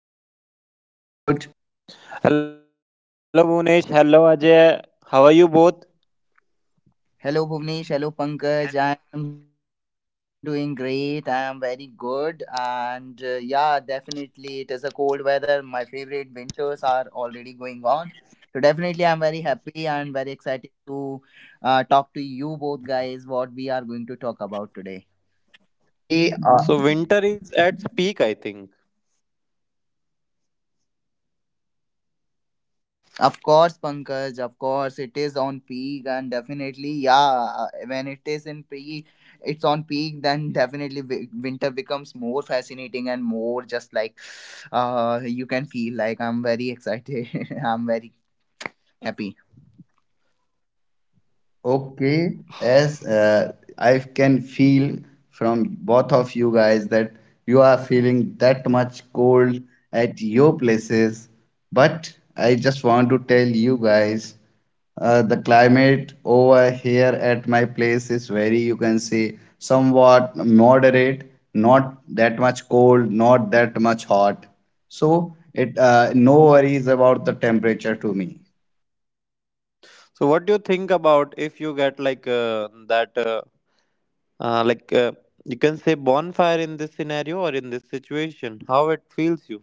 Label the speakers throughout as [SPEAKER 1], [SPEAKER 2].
[SPEAKER 1] back to another episode.
[SPEAKER 2] Hello Munesh, hello Ajay. How are you both?
[SPEAKER 3] Hello Bhuvnesh, hello Pankaj. I am doing great. I am very good. And yeah, definitely it is a cold weather. My favorite winters are already going on. So definitely I'm very happy and very excited to talk to you both guys what we are going to talk about today.
[SPEAKER 1] Okay, uh,
[SPEAKER 2] So winter is at its peak, I think.
[SPEAKER 3] Of course, Pankaj, of course, it is on peak, and definitely, yeah, when it is in peak, it's on peak, then definitely winter becomes more fascinating and more just like you can feel like I'm very excited, I'm very happy.
[SPEAKER 1] Okay, as I can feel from both of you guys that you are feeling that much cold at your places, but I just want to tell you guys the climate over here at my place is very, you can say, somewhat moderate, not that much cold, not that much hot. So it, no worries about the temperature to me.
[SPEAKER 2] So what do you think about if you get like that, like you can say bonfire in this scenario or in this situation? How it feels you?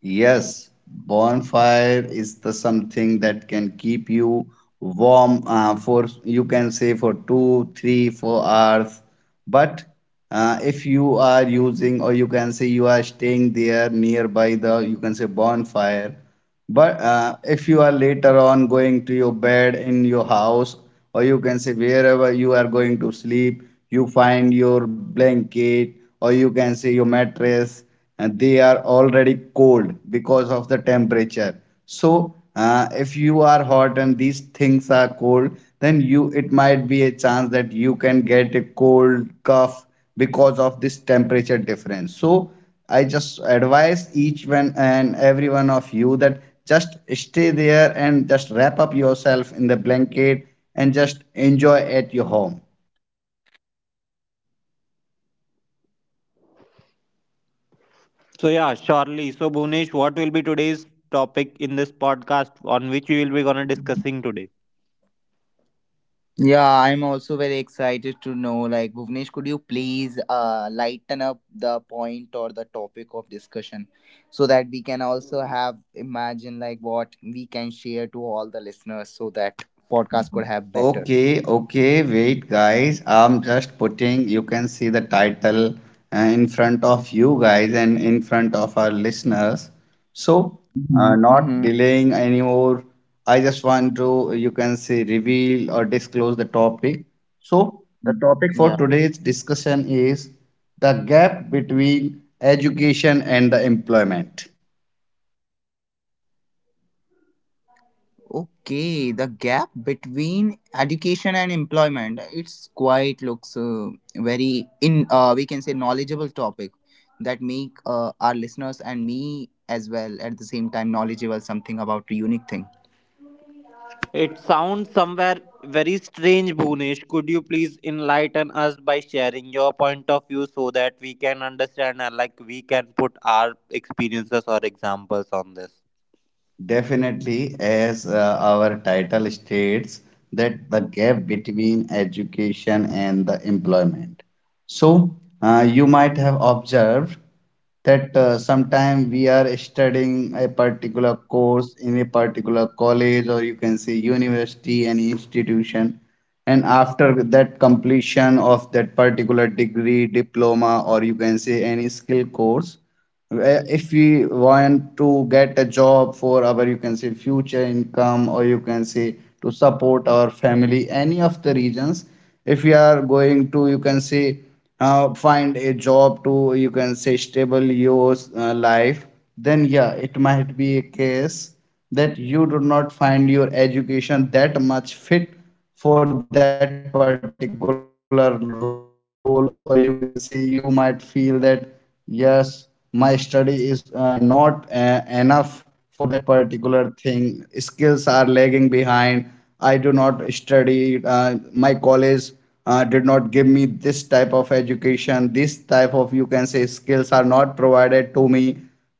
[SPEAKER 1] Yes, bonfire is the something that can keep you warm for you can say for two, three, 4 hours. But if you are using or you can say you are staying there nearby the you can say bonfire. But if you are later on going to your bed in your house, or you can say wherever you are going to sleep, you find your blanket or you can say your mattress, and they are already cold because of the temperature. So if you are hot and these things are cold, then you, it might be a chance that you can get a cold cough because of this temperature difference. So I just advise each one and every one of you that just stay there and just wrap up yourself in the blanket and just enjoy at your home.
[SPEAKER 2] So yeah, surely. So Bhunesh, what will be today's topic in this podcast on which we will be gonna discussing today?
[SPEAKER 3] Yeah, I'm also very excited to know. Like, Bhuvnesh, could you please lighten up the point or the topic of discussion so that we can also have imagine like what we can share to all the listeners so that podcast could have better.
[SPEAKER 1] Okay, okay, wait, guys. I'm just putting, you can see the title in front of you guys and in front of our listeners. So, not
[SPEAKER 3] Mm-hmm.
[SPEAKER 1] delaying anymore. I just want to, you can say, reveal or disclose the topic. So, the topic for
[SPEAKER 3] Yeah.
[SPEAKER 1] today's discussion is the gap between education and the employment.
[SPEAKER 3] Okay, the gap between education and employment, it's quite looks very in we can say knowledgeable topic that make our listeners and me as well at the same time knowledgeable something about a unique thing.
[SPEAKER 2] It sounds somewhere very strange, Bhunesh. Could you please enlighten us by sharing your point of view so that we can understand and like we can put our experiences or examples on this?
[SPEAKER 1] Definitely, as our title states, that the gap between education and the employment. So, you might have observed that sometime we are studying a particular course in a particular college or you can say university and institution, and after that completion of that particular degree diploma, or you can say any skill course, where if we want to get a job for our, you can say, future income, or you can say to support our family, any of the reasons, if we are going to, you can say, find a job to, you can say, stable your life, then yeah, it might be a case that you do not find your education that much fit for that particular role, or you can say you might feel that yes, my study is not enough for that particular thing, skills are lagging behind. I do not study. My college did not give me this type of education, this type of, you can say, skills are not provided to me. So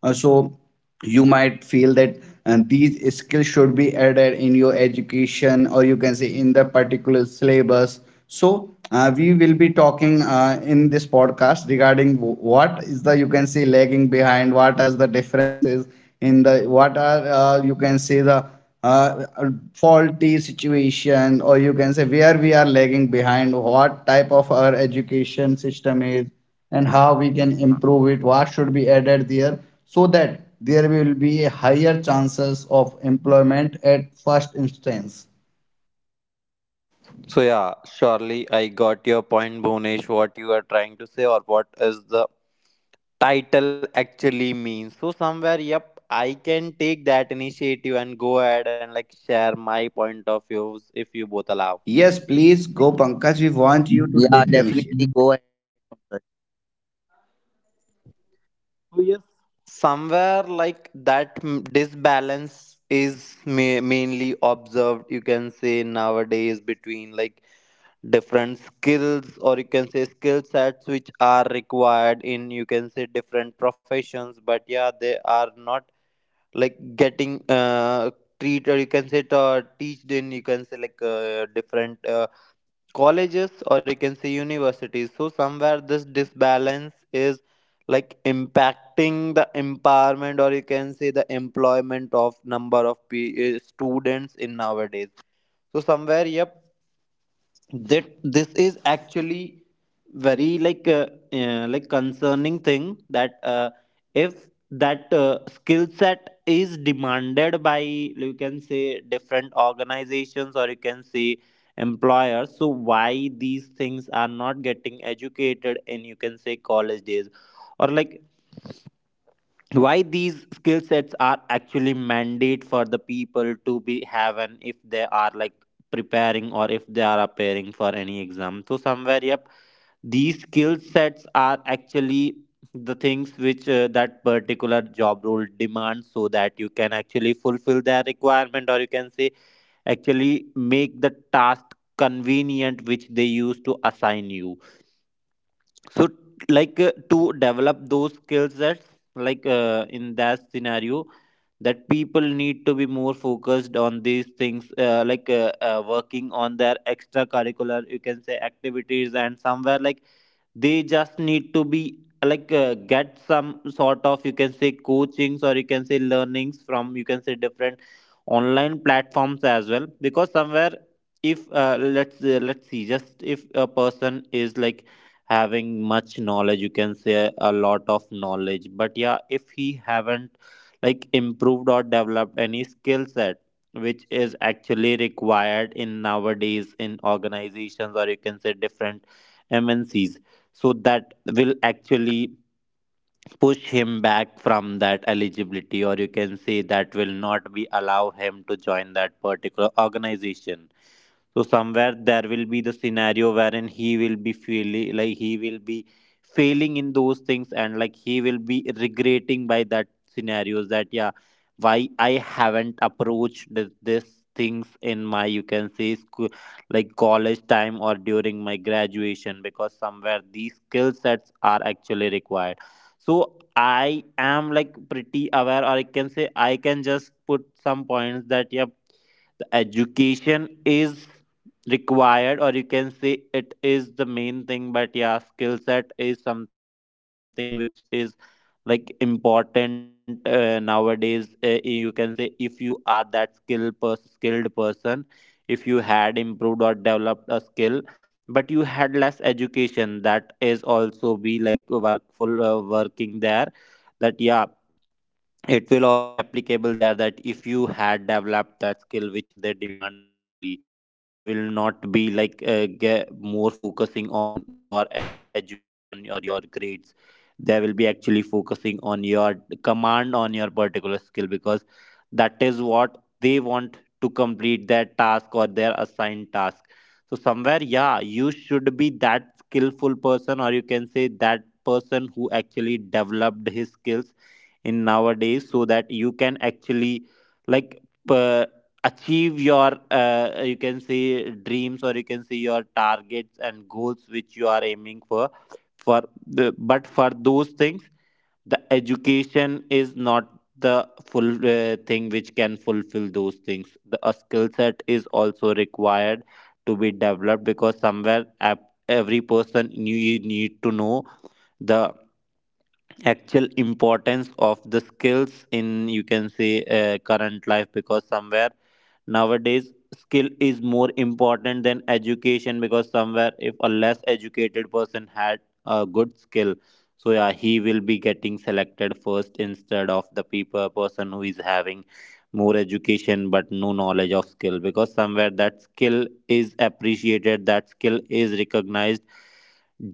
[SPEAKER 1] you might feel that these skills should be added in your education, or you can say in the particular syllabus. So we will be talking in this podcast regarding what is the, you can say, lagging behind, what are the differences in the, what are, you can say, the uh, faulty situation, or you can say where we are lagging behind, what type of our education system is, and how we can improve it, what should be added there, so that there will be a higher chances of employment at first instance.
[SPEAKER 2] So yeah, surely I got your point, Bhunesh, what you are trying to say or what is the title actually means. So somewhere, yep, I can take that initiative and go ahead and like share my point of views if you both allow.
[SPEAKER 1] Yes, please go, Pankaj. We want you to take the
[SPEAKER 3] Yeah,
[SPEAKER 1] initiative.
[SPEAKER 3] definitely go ahead.
[SPEAKER 2] So yes, somewhere like that disbalance is mainly observed. You can say nowadays between like different skills or you can say skill sets which are required in you can say different professions. But yeah, they are not like getting treated. You can say or teached in you can say like different. Colleges or you can say universities, so somewhere this disbalance is like impacting the empowerment or you can say the employment of number of students in nowadays. So somewhere, yep, that this is actually very like concerning thing that if that skill set is demanded by you can say different organizations or you can say employers, so why these things are not getting educated in you can say college days or like why these skill sets are actually mandate for the people to be have, and if they are like preparing or if they are appearing for any exam, so somewhere, yep, these skill sets are actually the things which that particular job role demands so that you can actually fulfill their requirement or you can say actually make the task convenient which they used to assign you. So like to develop those skill sets like in that scenario, that people need to be more focused on these things, working on their extracurricular you can say activities, and somewhere like they just need to be like get some sort of you can say coachings or you can say learnings from you can say different online platforms as well, because somewhere if let's let's see just if a person is like having much knowledge, you can say a lot of knowledge, but yeah, if he haven't like improved or developed any skill set which is actually required in nowadays in organizations or you can say different MNCs, so that will actually push him back from that eligibility or you can say that will not be allow him to join that particular organization. So somewhere there will be the scenario wherein he will be feeling like he will be failing in those things, and like he will be regretting by that scenarios that yeah, why I haven't approached this, this things in my you can say school like college time or during my graduation, because somewhere these skill sets are actually required. So I am like pretty aware, or I can say I can just put some points that yeah, the education is required or you can say it is the main thing, but yeah, skill set is something which is like important nowadays. You can say if you are that skilled person, if you had improved or developed a skill but you had less education, that is also be like workful working there. That yeah, it will also be applicable there that if you had developed that skill which they demands, actually they will not be like get more focusing on your education or your on your grades. They will be actually focusing on your command on your particular skill, because that is what they want to complete their task or their assigned task. So somewhere yeah, you should be that skillful person or you can say that person who actually developed his skills in nowadays, so that you can actually like p- achieve your you can say dreams or you can say your targets and goals which you are aiming for. For the, but for those things the education is not the full thing which can fulfill those things. The a skill set is also required to be developed, because somewhere every person, you need to know the actual importance of the skills in you can say current life, because somewhere nowadays skill is more important than education, because somewhere if a less educated person had a good skill, so yeah, he will be getting selected first instead of the people person who is having more education but no knowledge of skill, because somewhere that skill is appreciated, that skill is recognized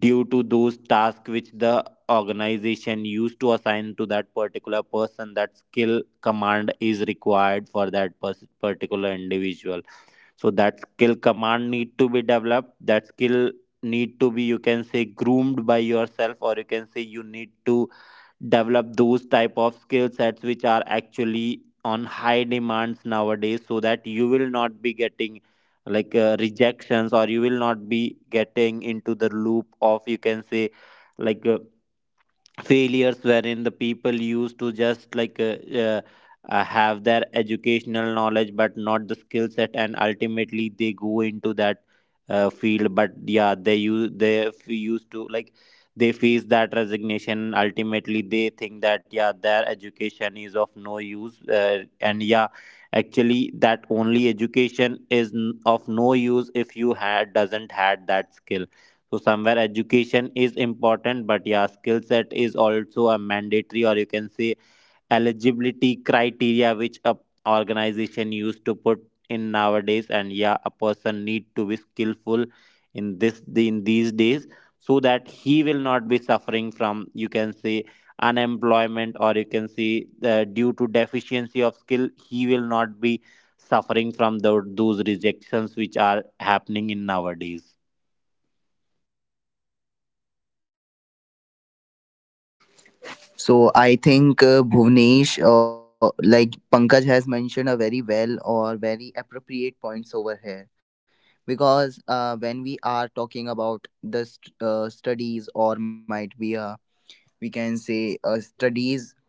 [SPEAKER 2] due to those tasks which the organization used to assign to that particular person. That skill command is required for that particular individual. So that skill command need to be developed, that skill need to be you can say groomed by yourself, or you can say you need to develop those type of skill sets which are actually on high demands nowadays, so that you will not be getting like rejections, or you will not be getting into the loop of you can say like failures wherein the people used to just like have their educational knowledge but not the skill set, and ultimately they go into that field, but yeah, they use used to like they face that resignation. Ultimately they think that yeah, their education is of no use, and yeah, actually that only education is of no use if you had doesn't had that skill. So somewhere education is important, but yeah, skill set is also a mandatory or you can say eligibility criteria which a organization used to put in nowadays. And yeah, a person need to be skillful in this in these days so that he will not be suffering from you can say unemployment, or you can see due to deficiency of skill he will not be suffering from those rejections which are happening in nowadays.
[SPEAKER 3] So I think Bhuvnesh, like Pankaj has mentioned, a very well or very appropriate points over here. Because when we are talking about the studies or might be a, we can say studies,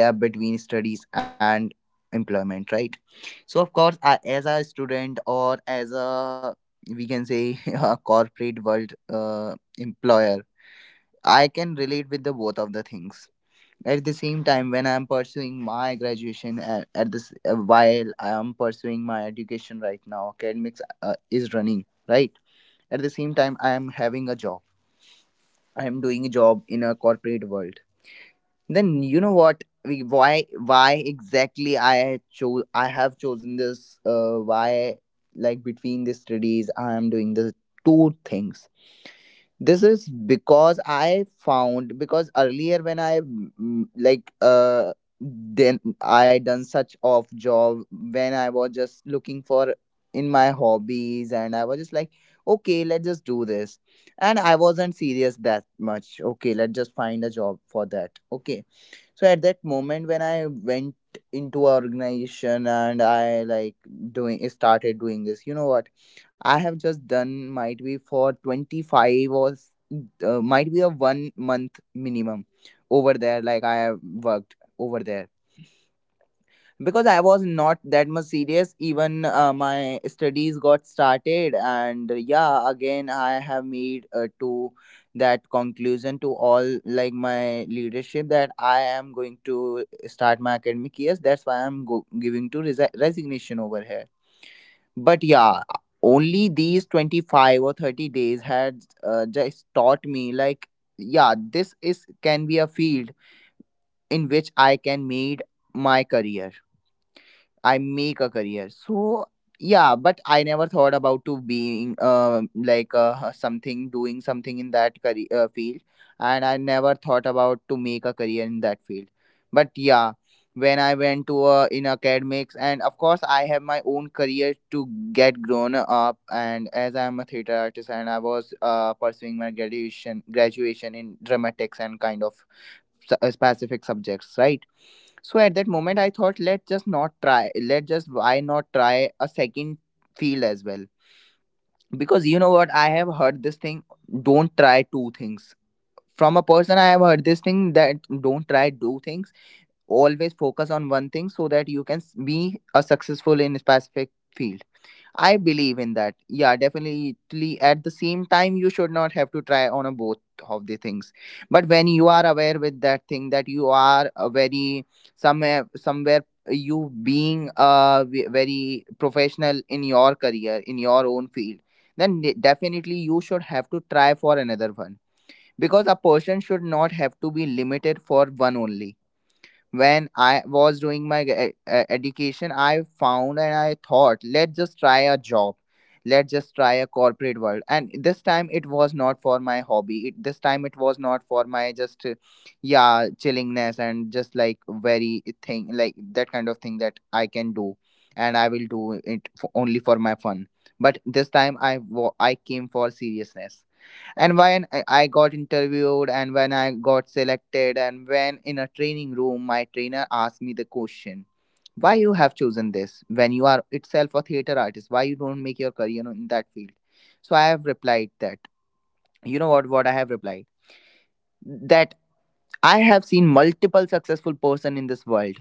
[SPEAKER 3] the gap between studies and employment, right? So of course I, as a student or as a, we can say a corporate world employer, I can relate with the both of the things at the same time. When I am pursuing my graduation at this, while I am pursuing my education right now, academics is running, right? At the same time I am having a job, I am doing a job in a corporate world. Then, you know what, we, why why exactly I chose I have chosen this, why, like between the studies I am doing the two things? This is because I found, because earlier when I then I done such off job when I was just looking for, in my hobbies and I was just like, okay let's just do this, and I wasn't serious that much, okay let's just find a job for that, okay. So at that moment when I went into a organization and I like doing started doing this, you know what, I have just done might be for 25 or might be a 1 month minimum over there. Like I have worked over there because I was not that much serious. Even my studies got started, and yeah, again I have made to that conclusion to all like my leadership that I am going to start my academic years. That's why I'm giving to resignation over here. But yeah, only these 25 or 30 days had just taught me like, yeah, this is can be a field in which I can made my career. I make a career. So yeah, but I never thought about to being something doing something in that career field, and I never thought about to make a career in that field. But yeah, when I went to in academics, and of course I have my own career to get grown up, and as I am a theater artist, and I was pursuing my graduation in dramatics and kind of specific subjects, right? So at that moment I thought, let's just not try, let just why not try a second field as well. Because you know what, I have heard this thing, don't try two things, from a person I have heard this thing, that don't try two things, always focus on one thing so that you can be a successful in a specific field. I believe in that. Yeah, definitely. At the same time, you should not have to try on a both of the things. But when you are aware with that thing that you are a very, somewhere, you being a very professional in your career in your own field, then definitely you should have to try for another one, because a person should not have to be limited for one only. When I was doing my education, I found and I thought, let's just try a job. Let's just try a corporate world. And this time it was not for my hobby. This time it was not for my just, yeah, chillingness and just like very thing, like that kind of thing that I can do. And I will do it f only for my fun. But this time I came for seriousness. And when I got interviewed and when I got selected and when in a training room my trainer asked me the question, why you have chosen this when you are itself a theater artist, why you don't make your career in that field? So I have replied that, you know what I have replied, that I have seen multiple successful person in this world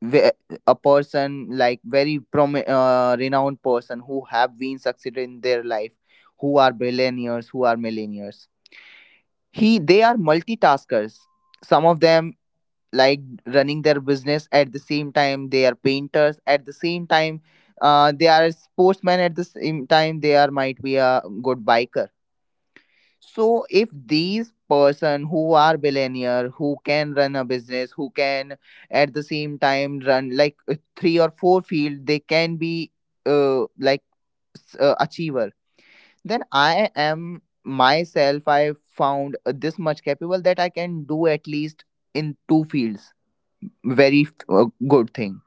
[SPEAKER 3] where a person like very renowned person who have been succeeded in their life, who are billionaires, who are millionaires, he they are multitaskers. Some of them, like, running their business, at the same time they are painters, at the same time they are sportsmen, at the same time they are might be a good biker. So if these person who are billionaire, who can run a business, who can at the same time run like three or four field, they can be uh, like achiever, then I am myself, I found this much capable that I can do at least in two fields. Very good thing.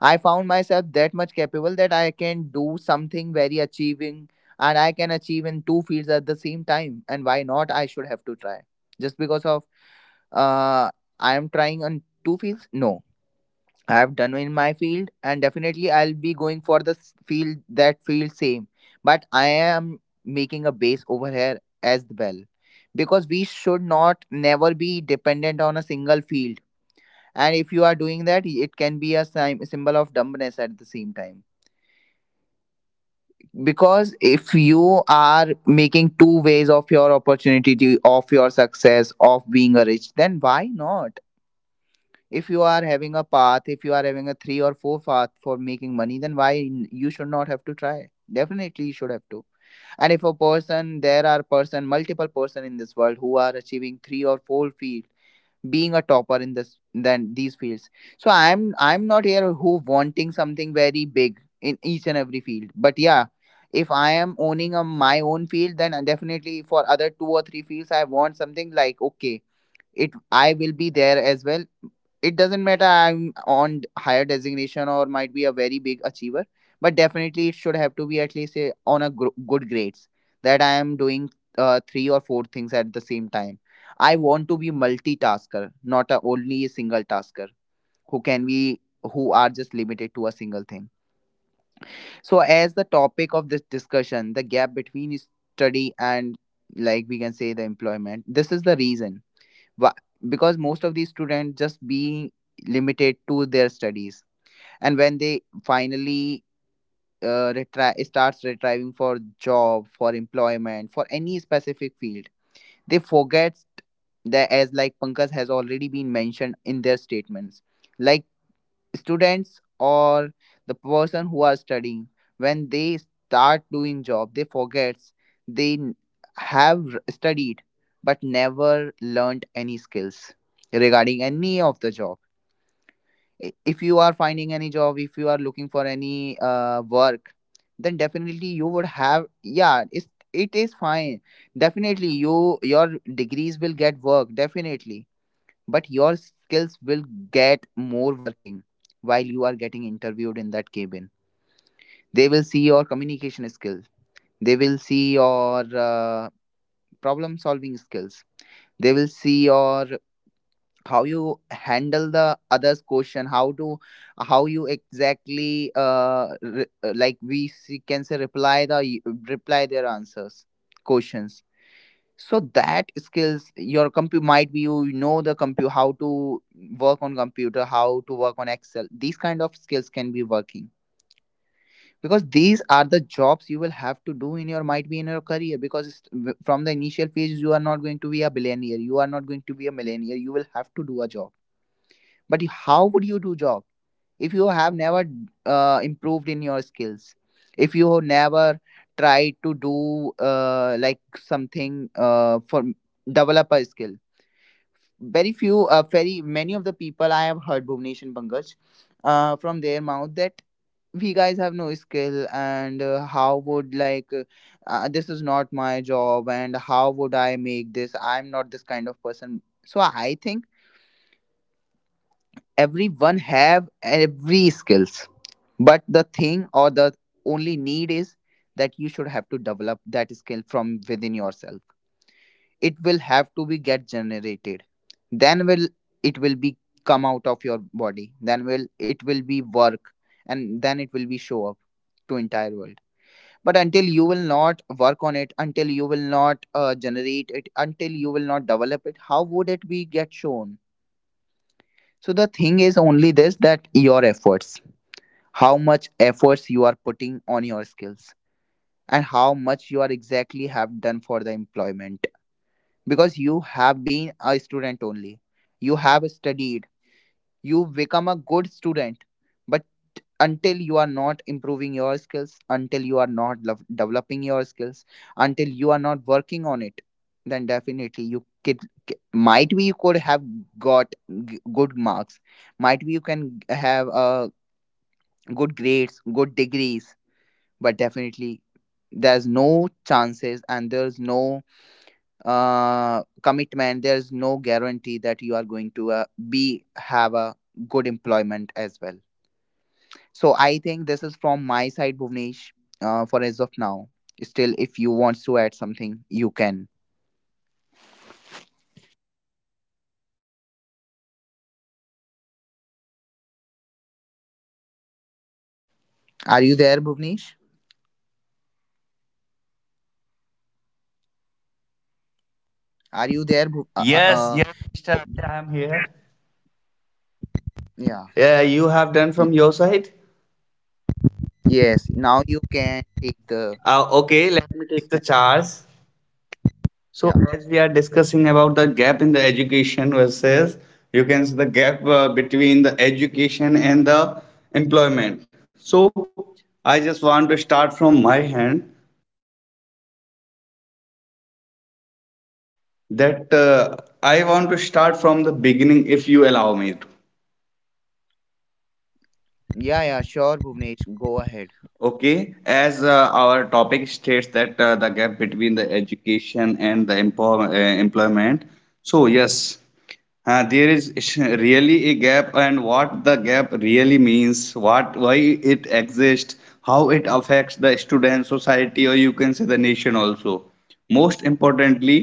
[SPEAKER 3] I found myself that much capable that I can do something very achieving and I can achieve in two fields at the same time. And why not? I should have to try. Just because of uh, I am trying on two fields? No. I've done in my field, and definitely I'll be going for the field, that field same. But I am making a base over here as well, because we should not never be dependent on a single field. And if you are doing that, it can be a symbol of dumbness at the same time. Because if you are making two ways of your opportunity, of your success, of being a rich, then why not? If you are having a path, if you are having a three or four path for making money, then you should not have to try. Definitely you should have to. And if a person, there are person multiple person in this world who are achieving three or four field, being a topper in this then these fields. So I'm not here who wanting something very big in each and every field, but yeah, if I am owning a, my own field, then definitely for other two or three fields I want something like, okay, it I will be there as well. It doesn't matter I'm on higher designation or might be a very big achiever, but definitely it should have to be at least a, on a good grades, that I am doing three or four things at the same time. I want to be multitasker, not a, only a single tasker who can be, who are just limited to a single thing. So as the topic of this discussion, the gap between study and, like we can say, the employment, this is the reason. Wha- because most of these students just being limited to their studies, and when they finally starts retrieving for job, for employment, for any specific field, they forget that, as like Pankaj has already been mentioned in their statements, like students or the person who are studying, when they start doing job they forgets they have studied but never learned any skills regarding any of the job. If you are finding any job, if you are looking for any work, then definitely you would have, yeah it is fine. Definitely you your degrees will get work definitely, but your skills will get more working. While you are getting interviewed in that cabin, they will see your communication skills, they will see your problem solving skills, they will see your how you handle the others question, how to, how you exactly like we see, can say reply the, reply their answers, questions. So that skills your compu, might be you know the compu, how to work on computer, how to work on excel, these kind of skills can be working. Because these are the jobs you will have to do in your, might be in your career, because from the initial phase, you are not going to be a billionaire, you are not going to be a millionaire. You will have to do a job. But you- how would you do job if you have never improved in your skills, if you never tried to do like something for develop a skill. Very few, very many of the people I have heard Bhuvnesh and Pankaj, from their mouth that we guys have no skill, and how would like this is not my job, and how would I make this? I'm not this kind of person. So I think everyone have every skills, but the thing or the only need is that you should have to develop that skill from within yourself. It will have to be get generated, then will it will be come out of your body, then will it will be work, and then it will be show up to entire world. But until you will not work on it, until you will not generate it, until you will not develop it, how would it be get shown? So the thing is only this, that your efforts, how much efforts you are putting on your skills, and how much you are exactly have done for the employment, because you have been a student only. You have studied, you become a good student. But until you are not improving your skills, until you are not lov- developing your skills, until you are not working on it, then definitely you could, c- might be you could have got g- good marks, might be you can g- have good grades, good degrees, but definitely there's no chances and there's no commitment, there is no guarantee that you are going to be have a good employment as well. So I think this is from my side, Bhuvnesh, for as of now. Still, if you want to add something, you can. Are you there, Bhuvnesh? Are you there, Bhu- uh, uh,
[SPEAKER 1] Yes,
[SPEAKER 3] uh,
[SPEAKER 1] yes, Mr.
[SPEAKER 3] Oh,
[SPEAKER 1] Abhay, I am here.
[SPEAKER 3] yeah.
[SPEAKER 1] Yeah, you have done
[SPEAKER 3] Y-
[SPEAKER 1] from your side.
[SPEAKER 3] yes, now you can take the
[SPEAKER 1] Okay, let me take the
[SPEAKER 3] stand.
[SPEAKER 1] charge. So
[SPEAKER 3] yeah
[SPEAKER 1] as we are discussing about the gap in the education versus you can see the gap between the education and the employment. So I just want to start from my hand that I want to start from the beginning if you allow me to.
[SPEAKER 3] yeah, sure, Bhuvnesh, go ahead.
[SPEAKER 1] Okay, as our topic states that the gap between the education and the employment. So yes, there is really a gap, and what the gap really means, what, why it exists, how it affects the student society, or you can say the nation also. Most importantly,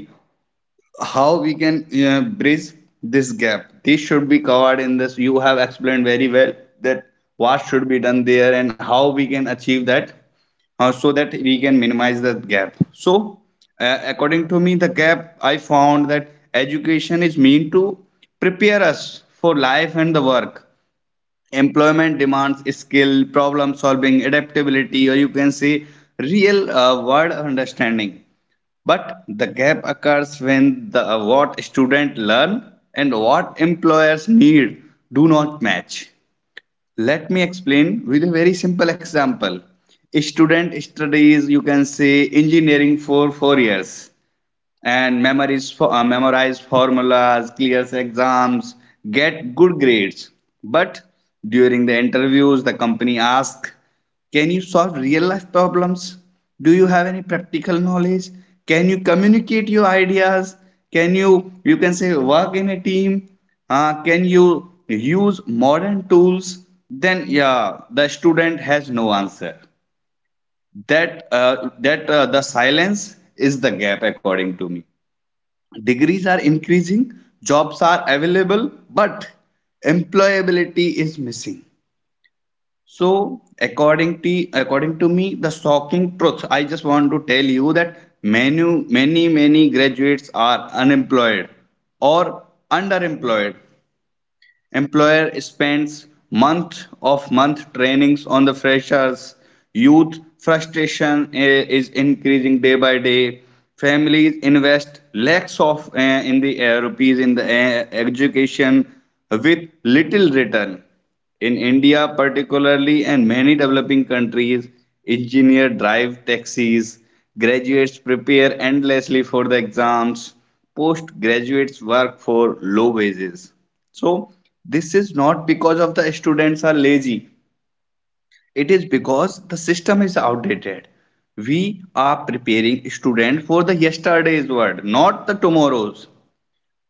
[SPEAKER 1] how we can bridge this gap, this should be covered in this. You have explained very well that what should be done there and how we can achieve that, so that we can minimize that gap. So according to me, the gap I found that education is meant to prepare us for life and the work. Employment demands skill, problem solving, adaptability, or you can say real world understanding, but the gap occurs when the, what students learn and what employers need, do not match. Let me explain with a very simple example. A student studies, you can say, engineering for 4 years and memorize, for memorize formulas, clears exams, get good grades. But during the interviews, the company asks, can you solve real life problems? Do you have any practical knowledge? Can you communicate your ideas? Can you, you can say, work in a team? Can you use modern tools? Then, yeah, the student has no answer, that that the silence is the gap according to me. Degrees are increasing, jobs are available, but employability is missing. So, according to me, the shocking truth I just want to tell you that many many many graduates are unemployed or underemployed. Employer spends month of month trainings on the freshers, youth frustration is increasing day by day, families invest lakhs of in the rupees in the education, with little return. In india particularly and many developing countries, engineers drive taxis, graduates prepare endlessly for the exams, postgraduates work for low wages. So this is not because of the students are lazy. It is because the system is outdated. We are preparing students for the yesterday's world, not the tomorrow's.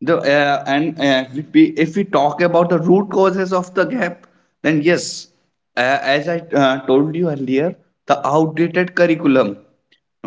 [SPEAKER 1] The and If we talk about the root causes of the gap, then yes, as I told you earlier, the outdated curriculum,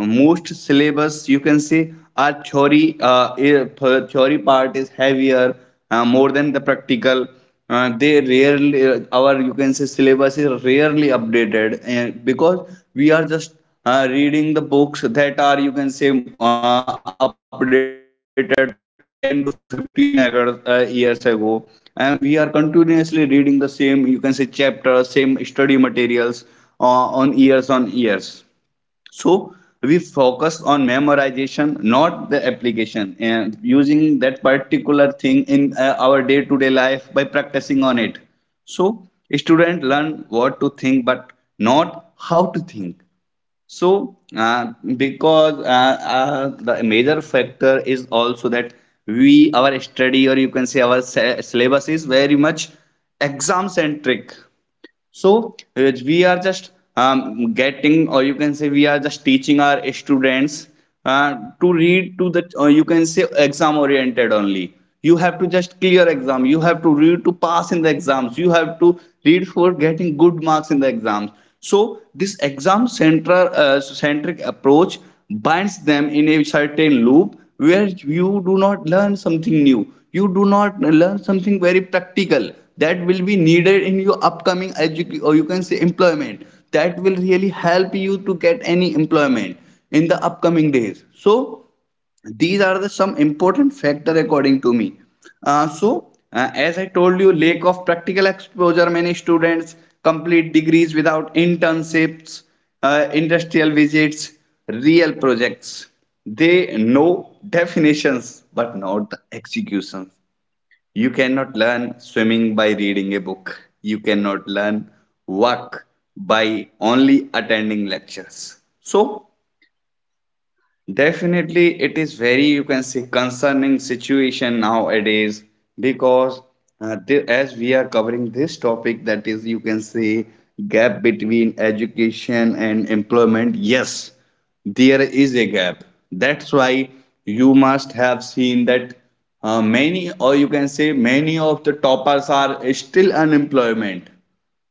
[SPEAKER 1] most syllabus you can say are theory. If, Theory part is heavier more than the practical. They rarely our, you can say, syllabus is rarely updated, because we are just reading the books that are, you can say, updated 10 to 15 years ago, and we are continuously reading the same, you can say, chapters, same study materials, on years on years. So we focus on memorization, not the application, and using that particular thing in our day-to-day life by practicing on it. So students learn what to think, but not how to think. So because the major factor is also that we our study, or you can say our syllabus, is very much exam centric. So we are just getting, or you can say, we are just teaching our students uh, to read to the, or you can say, exam oriented only. You have to just clear exam. You have to read to pass in the exams. You have to read for getting good marks in the exams. So this exam center centric approach binds them in a certain loop where you do not learn something new. You do not learn something very practical that will be needed in your upcoming education, or you can say employment, that will really help you to get any employment in the upcoming days. So these are the some important factor according to me. As I told you, lack of practical exposure, many students complete degrees without internships, industrial visits, real projects. They know definitions but not the executions. You cannot learn swimming by reading a book. You cannot learn work by only attending lectures. So, definitely, it is very, you can say, concerning situation nowadays. Because as we are covering this topic, that is, you can say, gap between education and employment. Yes, there is a gap. That's why you must have seen that many, or you can say, many of the toppers are still unemployment,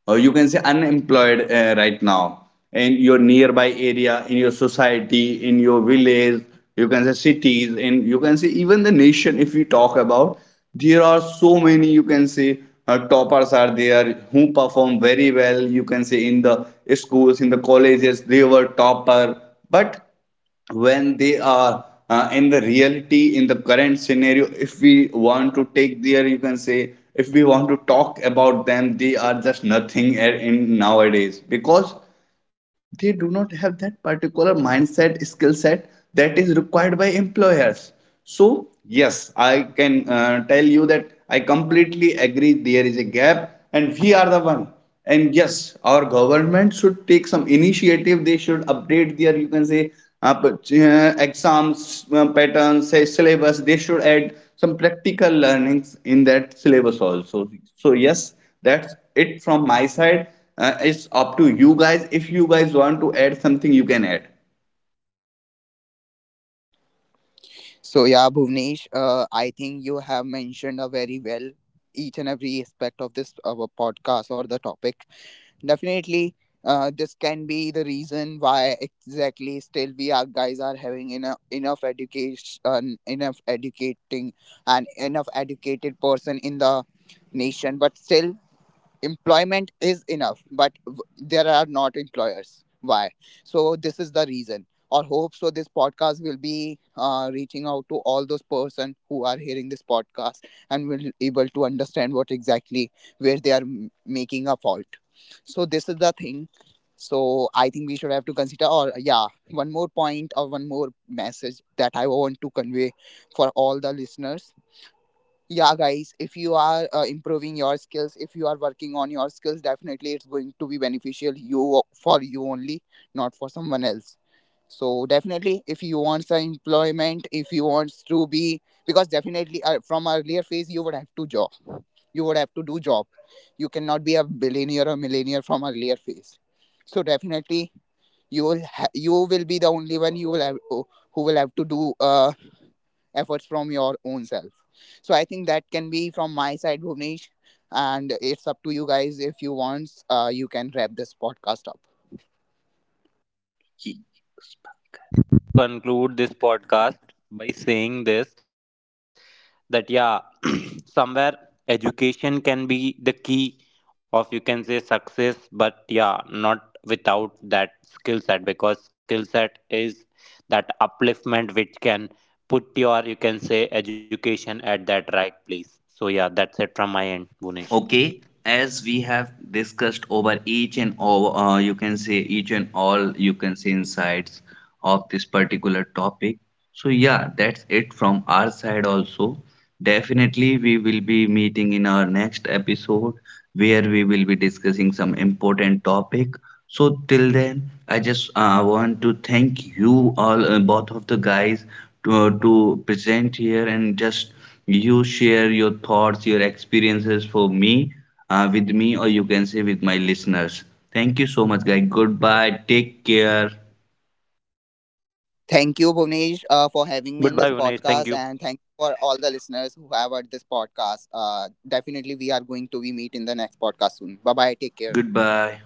[SPEAKER 1] or you can say unemployed right now in your nearby area, in your society, in your village, you can say cities, and you can say even the nation if we talk about. There are so many, you can say, toppers are there who perform very well, you can say, in the schools, in the colleges, they were topper. But when they are in the reality, in the current scenario, if we want to take their, you can say, if we want to talk about them, they are just nothing in nowadays, because they do not have that particular mindset skill set that is required by employers. So yes, I can tell you that I completely agree there is a gap and we are the one. And yes, our government should take some initiative. They should update their, you can say, exams patterns, say syllabus. They should add some practical learnings in that syllabus also. So yes, that's it from my side. It's up to you guys. If you guys want to add something, you can add.
[SPEAKER 3] So yeah, Bhuvnesh, I think you have mentioned a very well each and every aspect of this podcast or the topic. Definitely, this can be the reason why exactly still we are guys are having enough education, enough educating, and enough educated person in the nation, but still employment is enough but w- there are not employers, why? So this is the reason, or hope so this podcast will be reaching out to all those person who are hearing this podcast and will able to understand what exactly where they are m- making a fault. So this is the thing. So I think we should have to consider, or yeah, one more point or one more message that I want to convey for all the listeners. Yeah guys, if you are improving your skills, if you are working on your skills, definitely it's going to be beneficial you for you only, not for someone else. So definitely, if you want some employment, if you want to be, because definitely from earlier phase you would have to job, you would have to do job. You cannot be a billionaire or millionaire from earlier phase. So definitely, you will be the only one you will have who will have to do efforts from your own self. So I think that can be from my side, Bhuvnesh, and it's up to you guys if you want. You can wrap this podcast up.
[SPEAKER 2] So I just want to conclude this podcast by saying this, that yeah, somewhere education can be the key of you can say success, but yeah, not without that skill set, because skill set is that upliftment which can put your you can say education at that right place. So yeah, that's it from my end, Bunesh.
[SPEAKER 1] Okay, as we have discussed over each and all, you can say, insights of this particular topic. So yeah, that's it from our side also. Definitely, we will be meeting in our next episode where we will be discussing some important topic. So till then, I just want to thank you all, both of the guys, to present here and just you share your thoughts, your experiences for me, with me, or you can say with my listeners. Thank you so much, guys. Goodbye. Take care.
[SPEAKER 2] Goodbye,
[SPEAKER 3] Thank you,
[SPEAKER 2] Bunesh. Thank you.
[SPEAKER 3] Bhuvnesh, for having me in this podcast, and thank you for all the listeners who have heard this podcast. Definitely, we are going to be meet in the next podcast soon. Bye bye. Take care.
[SPEAKER 1] Goodbye.